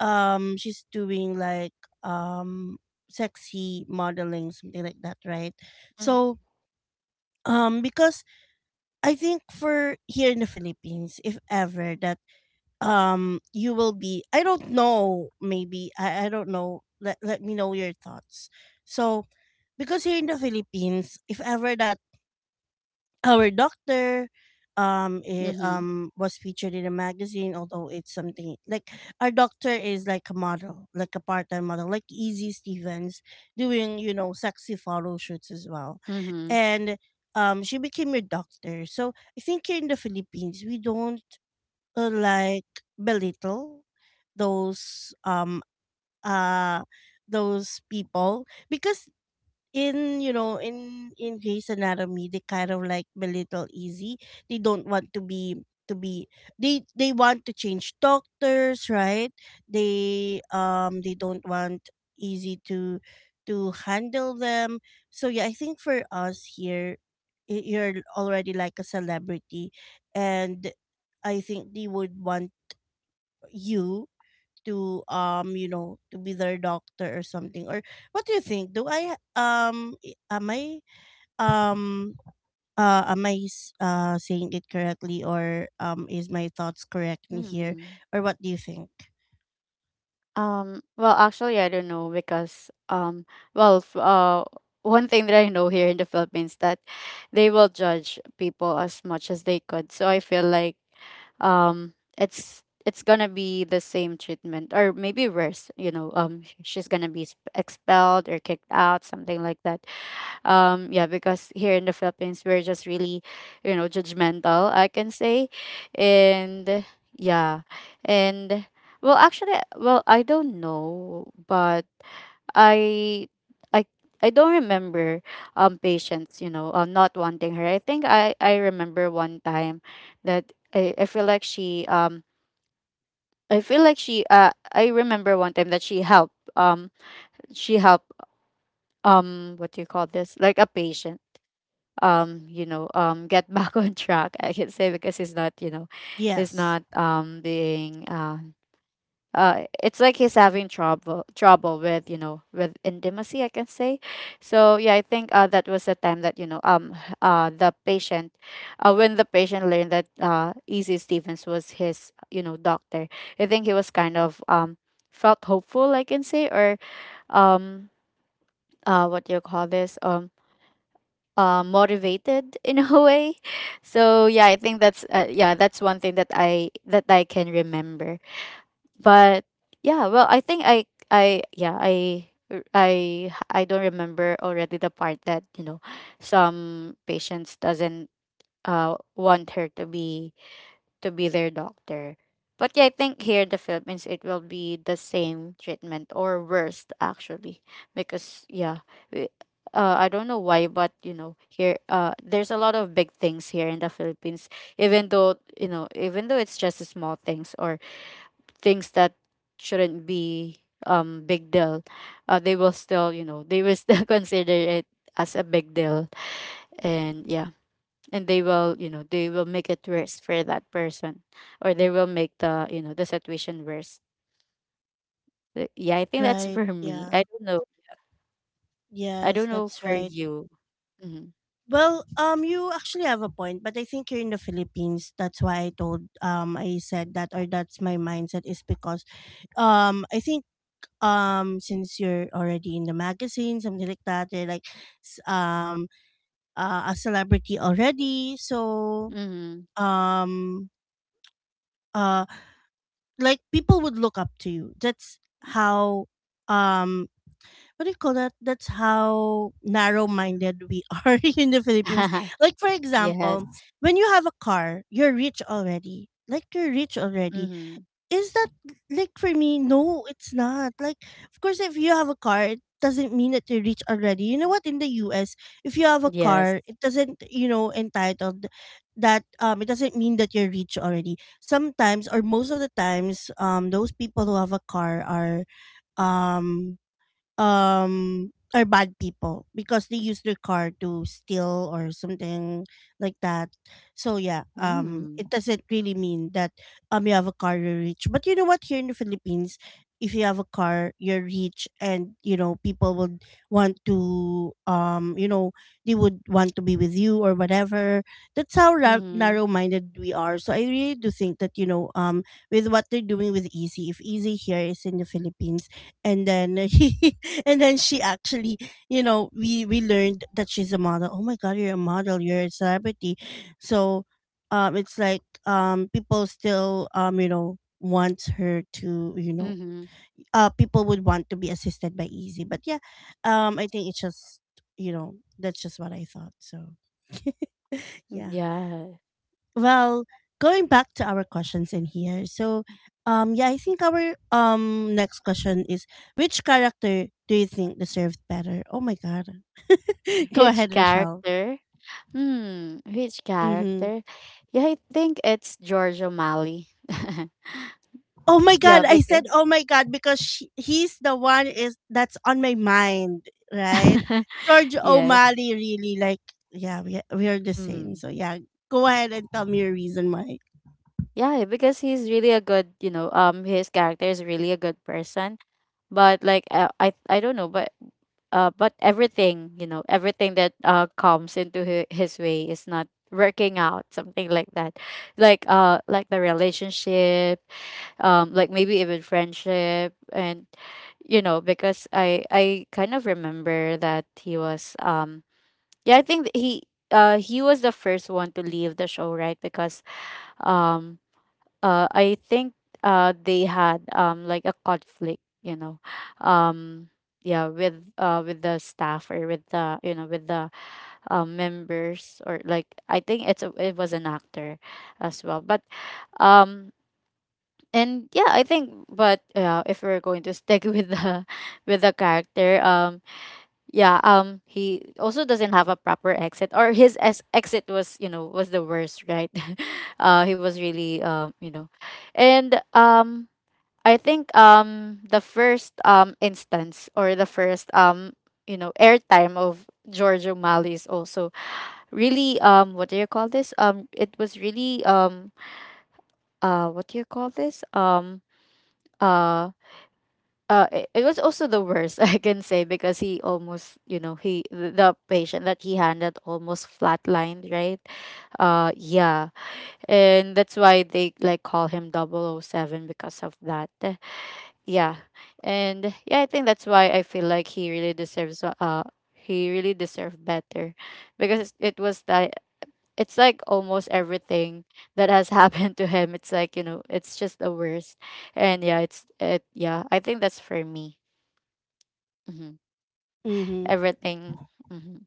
S2: she's doing like um sexy modeling, something like that, right?
S1: Mm-hmm.
S2: So because I think for here in the Philippines, if ever that you will be, I don't know, maybe I don't know, let me know your thoughts. So, because here in the Philippines, if ever that our doctor
S1: Mm-hmm.
S2: was featured in a magazine, although it's something like our doctor is like a model, like a part-time model, like Easy Stevens, doing, you know, sexy photo shoots as well, and she became a doctor, so I think here in the Philippines we don't, like, belittle those um uh those people, because in you know in Grey's Anatomy they kind of like belittle Easy. They don't want to be They want to change doctors, right? They don't want Easy to handle them. So yeah, I think for us here you're already like a celebrity and I think they would want you to to be their doctor or something. Or what do you think? Am I um saying it correctly, or is my thoughts correct in here,
S1: Mm-hmm.
S2: or what do you think?
S1: Well, actually, I don't know because, well, one thing that I know here in the Philippines, that they will judge people as much as they could. So I feel like, it's gonna be the same treatment or maybe worse. You know, she's gonna be expelled or kicked out, something like that. Yeah, because here in the Philippines, we're just really, you know, judgmental, I can say. And yeah, and well, actually, well, I don't know, but I. I I don't remember, patients, you know, not wanting her. I think I remember one time that I feel like she, I feel like she, I remember one time that she helped, she helped, what do you call this, like, a patient, you know, get back on track, I can say, because he's not, you know, he's
S2: Yes,
S1: not, being, it's like he's having trouble with, you know, with intimacy, I can say. So yeah, I think, that was the time that, you know, the patient, when the patient learned that, Easy Stevens was his, you know, doctor, I think he was kind of, felt hopeful, I can say, or, um what do you call this, motivated, in a way. So yeah, I think that's, yeah, that's one thing that I can remember. But yeah, well, I think I yeah I. I don't remember already the part that, you know, some patients doesn't want her to be their doctor. But yeah, I think here in the Philippines it will be the same treatment or worse, actually, because yeah, we, I don't know why, but, you know, here, there's a lot of big things here in the Philippines, even though, you know, even though it's just small things, or things that shouldn't be, big deal, they will still, you know, they will still consider it as a big deal. And yeah, and they will, you know, they will make it worse for that person, or they will make the, you know, the situation worse. Yeah, I think that's
S2: right,
S1: for me,
S2: yeah.
S1: I don't know. I
S2: Yes,
S1: don't know
S2: that's
S1: for
S2: right.
S1: you. Mm-hmm.
S2: Well, you actually have a point, but I think you're in the Philippines. That's why I told I said that, or that's my mindset is because I think since you're already in the magazine, something like that, you're like s- um a celebrity already. So
S1: Mm-hmm.
S2: um uh like people would look up to you. That's how um what do you call that, that's how narrow minded we are in the Philippines. Like for
S1: Yes.
S2: example, when you have a car you're rich already, like you're rich already.
S1: Mm-hmm.
S2: Is that like, for me, no, it's not like, of course, if you have a car it doesn't mean that you reach already. You know what, in the US if you have a
S1: Yes.
S2: car it doesn't, you know, entitled that it doesn't mean that you're rich already. Sometimes, or most of the times, those people who have a car um um are bad people because they use their car to steal or something like that. So yeah,
S1: Mm-hmm.
S2: it doesn't really mean that you have a car you're rich. But you know what, here in the Philippines, if you have a car you're rich and you know people would want to you know, they would want to be with you or whatever. That's how
S1: Mm-hmm.
S2: narrow-minded we are. So I really do think that you know with what they're doing with Easy, if Easy here is in the Philippines and then and then she actually, you know, we learned that she's a model. Oh my god, you're a model, you're a celebrity. So it's like people still you know, want her to you know,
S1: Mm-hmm.
S2: people would want to be assisted by Easy. But yeah, I think it's just, you know, that's just what I thought. So yeah.
S1: Yeah.
S2: Well, going back to our questions in here. So, yeah, I think our next question is which character do you think deserved better? Oh my god. Go
S1: Which
S2: ahead, Rochelle.
S1: character? Which
S2: Mm-hmm.
S1: character? Yeah, I think it's George O'Malley.
S2: Oh my god,
S1: Yeah,
S2: I
S1: because
S2: said oh my god because he's the one is that's on my mind, right? George
S1: yes.
S2: O'Malley really like yeah, we are the same.
S1: Mm-hmm.
S2: So yeah, go ahead and tell me your reason why.
S1: Yeah, because he's really a good, you know, his character is really a good person. But like, I don't know, but everything, you know, everything that comes into his way is not working out, something like that. Like, like the relationship, like, maybe even friendship. And you know, because I kind of remember that he was, yeah, I think that he, he was the first one to leave the show, right? Because, um I think, they had, like a conflict, you know. Um yeah, with, with the staff, or with the, you know, with the, members, or like, I think it's a, it was an actor as well. But um and yeah, I think, but yeah, if we're going to stick with the with the character, yeah, he also doesn't have a proper exit, or his exit was, you know, was the worst, right? He was really, you know, and, I think, the first, instance, or the first, you know, airtime of George O'Malley is also really, what do you call this, it was really, what do you call this, uh it was also the worst, I can say, because he almost, you know, he the patient that he handled almost flatlined, right? Yeah. And that's why they like call him double o seven because of that. Yeah. And yeah, I think that's why I feel like he really deserves, he really deserved better, because it was that, it's like almost everything that has happened to him, it's like, you know, it's just the worst. And yeah, it's it, yeah, I think that's for me. hmm
S2: Mhm.
S1: Everything. hmm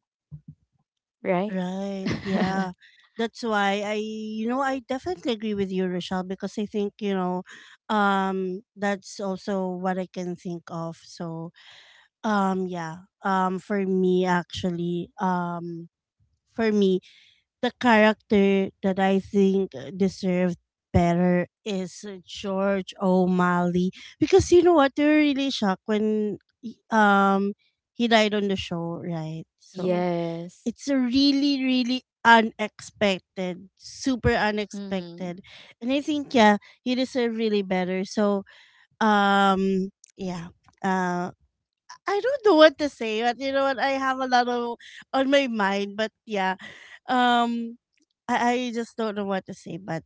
S1: Right.
S2: Right. Yeah. That's why I, you know, I definitely agree with you, Rochelle, because I think, you know, that's also what I can think of. So, yeah. For me, actually, for me, the character that I think deserved better is George O'Malley because you know what? They were really shocked when, um, he died on the show, right? So,
S1: Yes.
S2: it's a really really unexpected, super
S1: Mhm.
S2: unexpected. And I think yeah, you deserve really better. So um yeah, uh I don't know what to say but you know what, I have a lot of on my mind but yeah, um I just don't know what to say but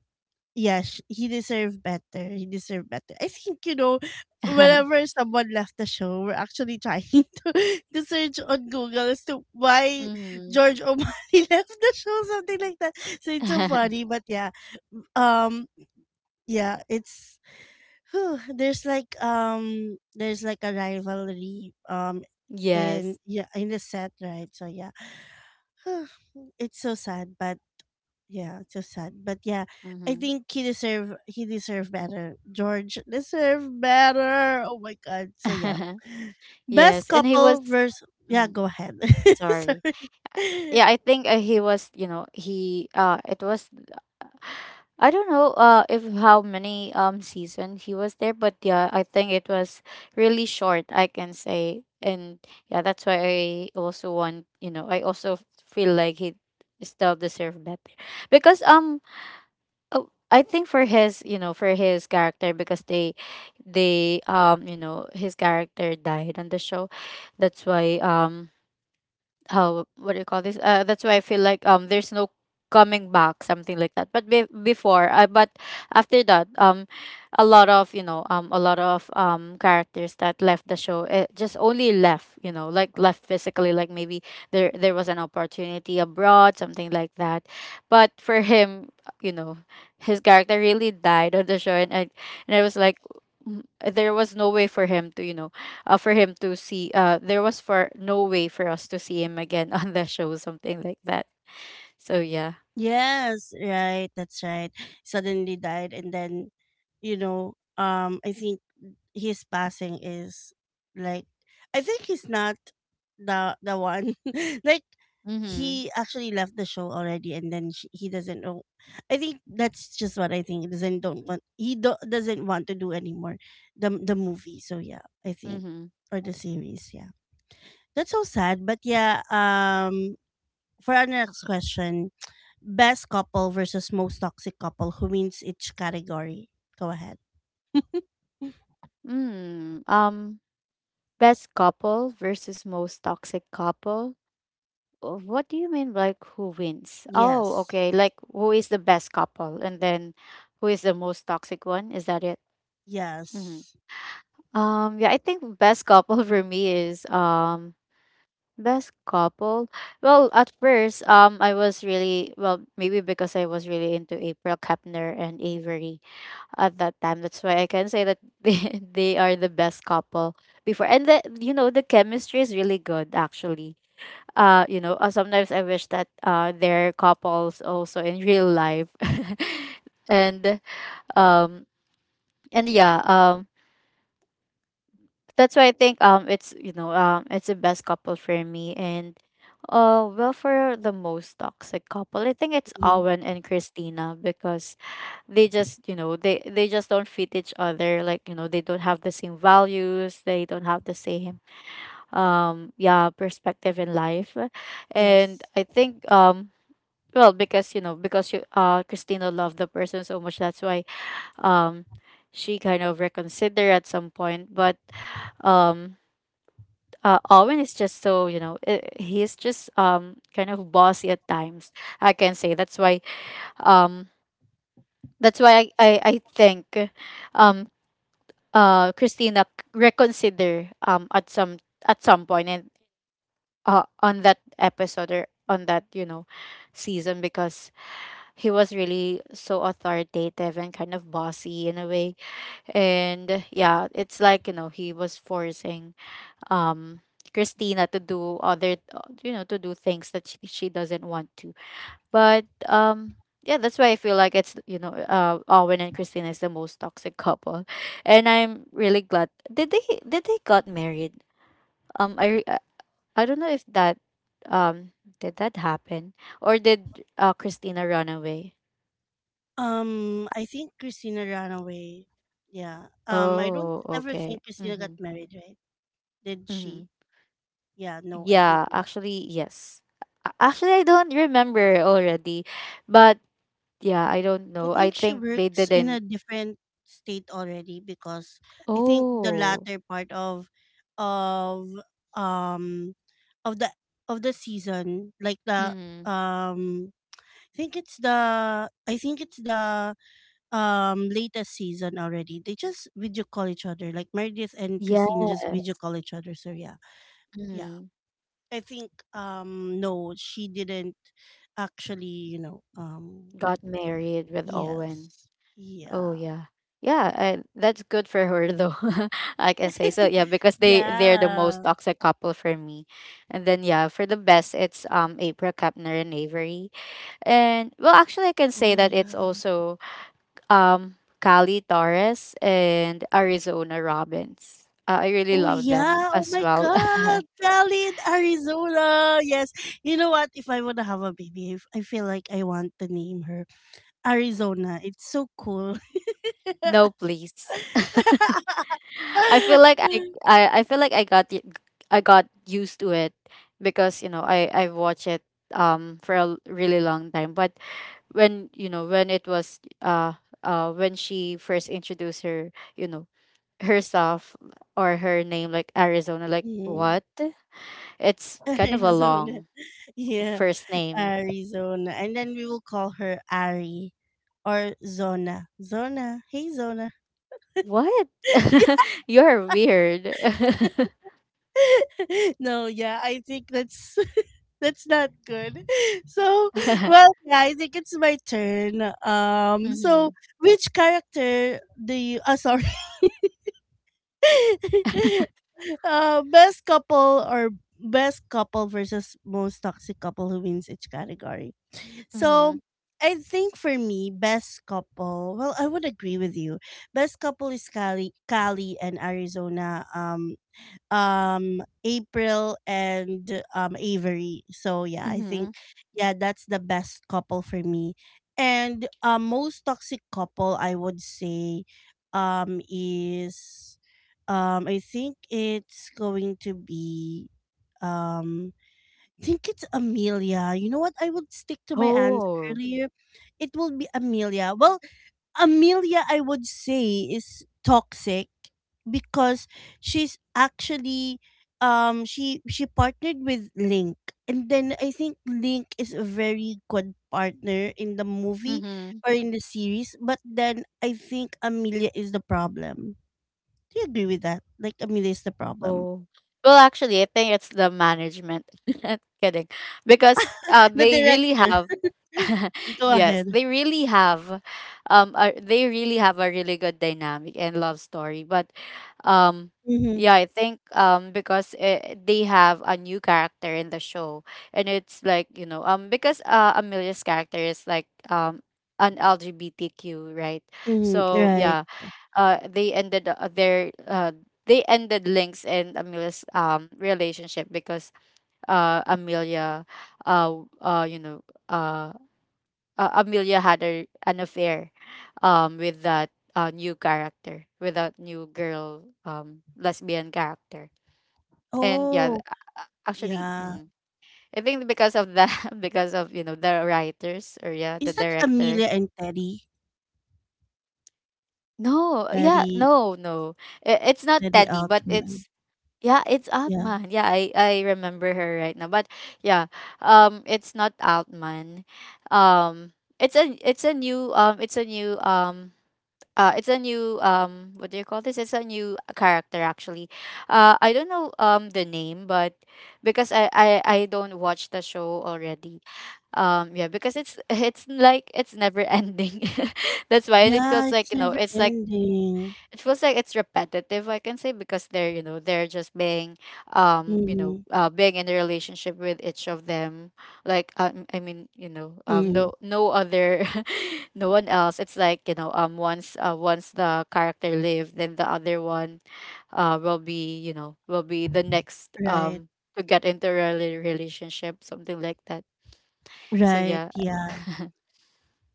S2: yeah, he deserved better. He deserved better. I think, you know, whenever someone left the show, we're actually trying to, to search on Google as to why
S1: Mhm.
S2: George O'Malley left the show, something like that. So it's so funny. But yeah, um, yeah, it's, whew, there's like a rivalry, in,
S1: Yes.
S2: yeah, in the set, right? So yeah, it's so sad, but yeah, it's so sad. But yeah, I
S1: Mhm.
S2: think he deserve better. George deserve better. Oh my god. So yeah. Best
S1: Yes, and he was,
S2: couple versus yeah,
S1: mm,
S2: go ahead.
S1: sorry.
S2: Sorry.
S1: Yeah, I think, he was, you know, he it was, I don't know, if how many, season he was there, but yeah, I think it was really short, I can say. And yeah, that's why I also want, you know, I also feel like he still deserve better, because, uh, I think for his, you know, for his character, because they, you know, his character died on the show, that's why, how, what do you call this, that's why I feel like, there's no coming back, something like that. But before, but after that, a lot of, you know, a lot of, characters that left the show, it just only left, you know, like left physically, like maybe there was an opportunity abroad, something like that. But for him, you know, his character really died on the show. And I was like, there was no way for him to, you know, for him to see, there was for no way for us to see him again on the show, something like that. So yeah.
S2: Yes, right. That's right. Suddenly died, and then, you know, I think his passing is like, I think he's not the one. Like,
S1: Mhm.
S2: he actually left the show already, and then he doesn't know. I think that's just what I think. He doesn't don't want doesn't want to do anymore the movie. So yeah, I think
S1: Mhm.
S2: or the series. Yeah, that's so sad. But yeah, for our next question, best couple versus most toxic couple. Who wins each category? Go ahead.
S1: mm, um best couple versus most toxic couple. What do you mean, like, who wins? Oh,
S2: Yes.
S1: okay, like, who is the best couple and then who is the most toxic one, is that it? Mhm.
S2: Yes.
S1: Yeah, I think best couple for me is, best couple? Well, at first, I was really well, maybe because I was really into April Kepner and Avery at that time. That's why I can say that they are the best couple before. And the the chemistry is really good actually. Sometimes I wish that they're couples also in real life, and um and yeah, that's why I think it's it's the best couple for me. And well, for the most toxic couple, I think it's
S2: Mhm.
S1: Owen and Christina because they just they just don't fit each other, like, you know, they don't have the same values, they don't have the same yeah perspective in life.
S2: Yes.
S1: And I think well, because you know, because you Christina loved the person so much. That's why um she kind of reconsider at some point. But um Owen is just so, you know, he's just kind of bossy at times, I can say. That's why um that's why I think um Christina reconsider at some point. And on that episode or on that, you know, season, because he was really so authoritative and kind of bossy in a way. And yeah, it's like, you know, he was forcing um Christina to do other, to do things that she doesn't want to. But yeah, that's why I feel like it's, Owen and Christina is the most toxic couple. And I'm really glad. Did they did they got married? Um I re- uh, I don't know if that did that happen? Or did Christina run away?
S2: I think Christina ran away. Yeah. I don't
S1: Oh,
S2: ever
S1: okay.
S2: think Christina got
S1: Mhm.
S2: married, right? Did she?
S1: Mhm.
S2: Yeah. No, I think.
S1: Yeah, actually yes. Actually I don't remember already. But yeah, I don't
S2: I
S1: know. I
S2: think she
S1: think they
S2: works in a
S1: didn't.
S2: different state already because I think the
S1: Oh.
S2: latter part of um of the of the season like the
S1: Mm-hmm.
S2: um I think it's the I think it's the latest season already. They just video call each other. Like Meredith and
S1: Yes.
S2: Christina just video call each other. So yeah. Yeah.
S1: Mm-hmm.
S2: I think no, she didn't actually, you know,
S1: Got married with Owen.
S2: yes.
S1: Oh
S2: Yeah.
S1: yeah. That's good for her though. I can say so. Yeah, because they're the most
S2: Yeah.
S1: toxic couple for me. And then yeah, for the best it's April Kapner and Avery. And well, actually I can
S2: Oh
S1: say that it's
S2: yeah.
S1: also um Cali Torres and Arizona Robbins. I really
S2: Oh
S1: love them
S2: yeah. Oh
S1: as
S2: my
S1: well.
S2: God. Cali in Arizona. Yes. You know what? If I wanna have a baby, if I feel like I want to name her Arizona. It's so cool.
S1: No, please. I feel like I got it, I got used to it because, you know, I've watched it for really long time. But when, you know, when it was when she first introduced her, you know, herself or her name, like Arizona, like
S2: Mm.
S1: what, it's kind of a
S2: Arizona.
S1: long
S2: Yeah.
S1: first name.
S2: Arizona. And then we will call her Ari or Zona. Zona. Hey Zona.
S1: What? You're weird.
S2: No, yeah, I think that's that's not good. So, well, yeah, I think it's my turn.
S1: Mm-hmm.
S2: So which character do you? Ah, sorry. Best couple or best couple versus most toxic couple who wins each category.
S1: Mm-hmm.
S2: So I think for me, best couple. Well, I would agree with you. Best couple is Cali and Arizona. April and Avery. So yeah, I
S1: Mm-hmm.
S2: think yeah, that's the best couple for me. And most toxic couple I would say is I think it's going to be um I think it's Amelia. You know what? I would stick to my answer
S1: Oh.
S2: earlier. It will be Amelia. Well, Amelia, I would say, is toxic because she's actually she partnered with Link. And then I think Link is a very good partner in the movie
S1: Mhm.
S2: or in the series, but then I think Amelia is the problem. Do you agree with that? Like Amelia is the problem.
S1: Oh. Well, actually, I think it's the management. Kidding. Because
S2: The
S1: they really
S2: director.
S1: have
S2: Go ahead.
S1: yes, they really have they really have a really good dynamic and love story. But um
S2: Mm-hmm.
S1: yeah, I think because they have a new character in the show. And it's like, you know, because Amelia's character is like an LGBTQ, right?
S2: Mm-hmm.
S1: So,
S2: Right.
S1: yeah, they ended their they ended Link's and Amelia's relationship because Amelia uh uh you know uh, Amelia had an affair with that new character, with that new girl lesbian character. And yeah,
S2: Oh,
S1: actually,
S2: yeah.
S1: mhm. I think because of that, because of, you know, the writers or yeah the
S2: Is that
S1: director.
S2: Amelia and Teddy?
S1: No yeah
S2: Teddy.
S1: no no. It's not
S2: Teddy
S1: Teddy, but
S2: Altman.
S1: it's Yeah, it's
S2: Yeah.
S1: Outman. Yeah, I remember her right now. But yeah, it's not Outman. It's a new it's a new what do you call this? It's a new character actually. I don't know the name, but because I don't watch the show already. Yeah, because it's it's like it's never ending. That's why, and it
S2: Yeah,
S1: feels
S2: it's
S1: like, you know,
S2: never
S1: it's like
S2: ending.
S1: it feels like it's repetitive, I can say, because they're, you know, they're just being
S2: Mm-hmm.
S1: being in a relationship with each of them, like I mean, you know,
S2: Mm.
S1: no no other no one else. It's like, you know, once the character lived, then the other one will be, you know, will be the next
S2: Right.
S1: to get into a relationship, something like that. So
S2: Right.
S1: yeah.
S2: Yeah.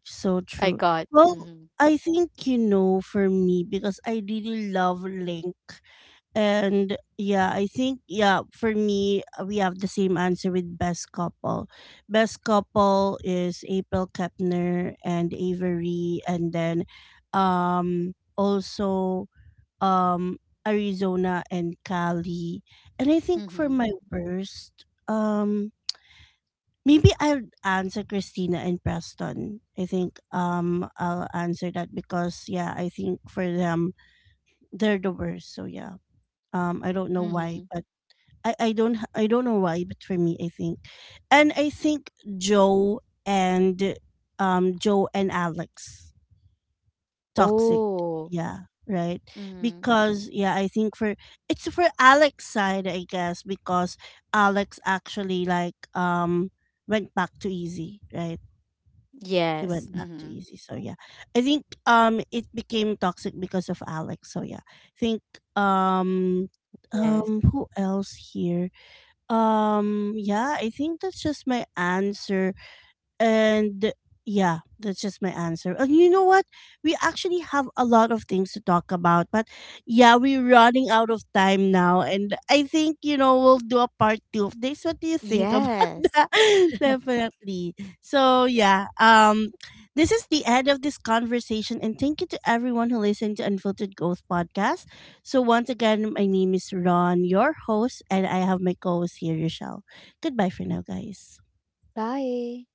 S2: So
S1: I
S2: true.
S1: got
S2: Well,
S1: mm-hmm,
S2: I think, you know, for me, because I really love Link. And yeah, I think, yeah, for me, we have the same answer with best couple. Best couple is April Kepner and Avery. And then also um Arizona and Cali. And I think for
S1: mm-hmm,
S2: my worst, maybe I'll answer Christina and Preston. I think I'll answer that because yeah, I think for them they're the worst. So yeah. I don't know why,
S1: mm-hmm.
S2: but I don't know why, but for me I think. And I think Joe and Joe and Alex. Toxic.
S1: Oh.
S2: Yeah, right.
S1: Mm-hmm.
S2: Because yeah, I think for it's for Alex's side, I guess, because Alex actually like went back to Easy, right? He
S1: Yes.
S2: went back to
S1: Mm-hmm.
S2: Easy. So yeah. I think it became toxic because of Alex. So yeah. I think um
S1: Yes.
S2: who else here? Yeah, I think that's just my answer and yeah, that's just my answer. And you know what? We actually have a lot of things to talk about, but yeah, we're running out of time now. And I think, you know, we'll do a part two of this. What do you think about
S1: Yes.
S2: that? Definitely. So yeah, this is the end of this conversation. And thank you to everyone who listened to Unfiltered Growth Podcast. So once again, my name is Ron, your host, and I have my co host here, Rochelle. Goodbye for now, guys.
S1: Bye.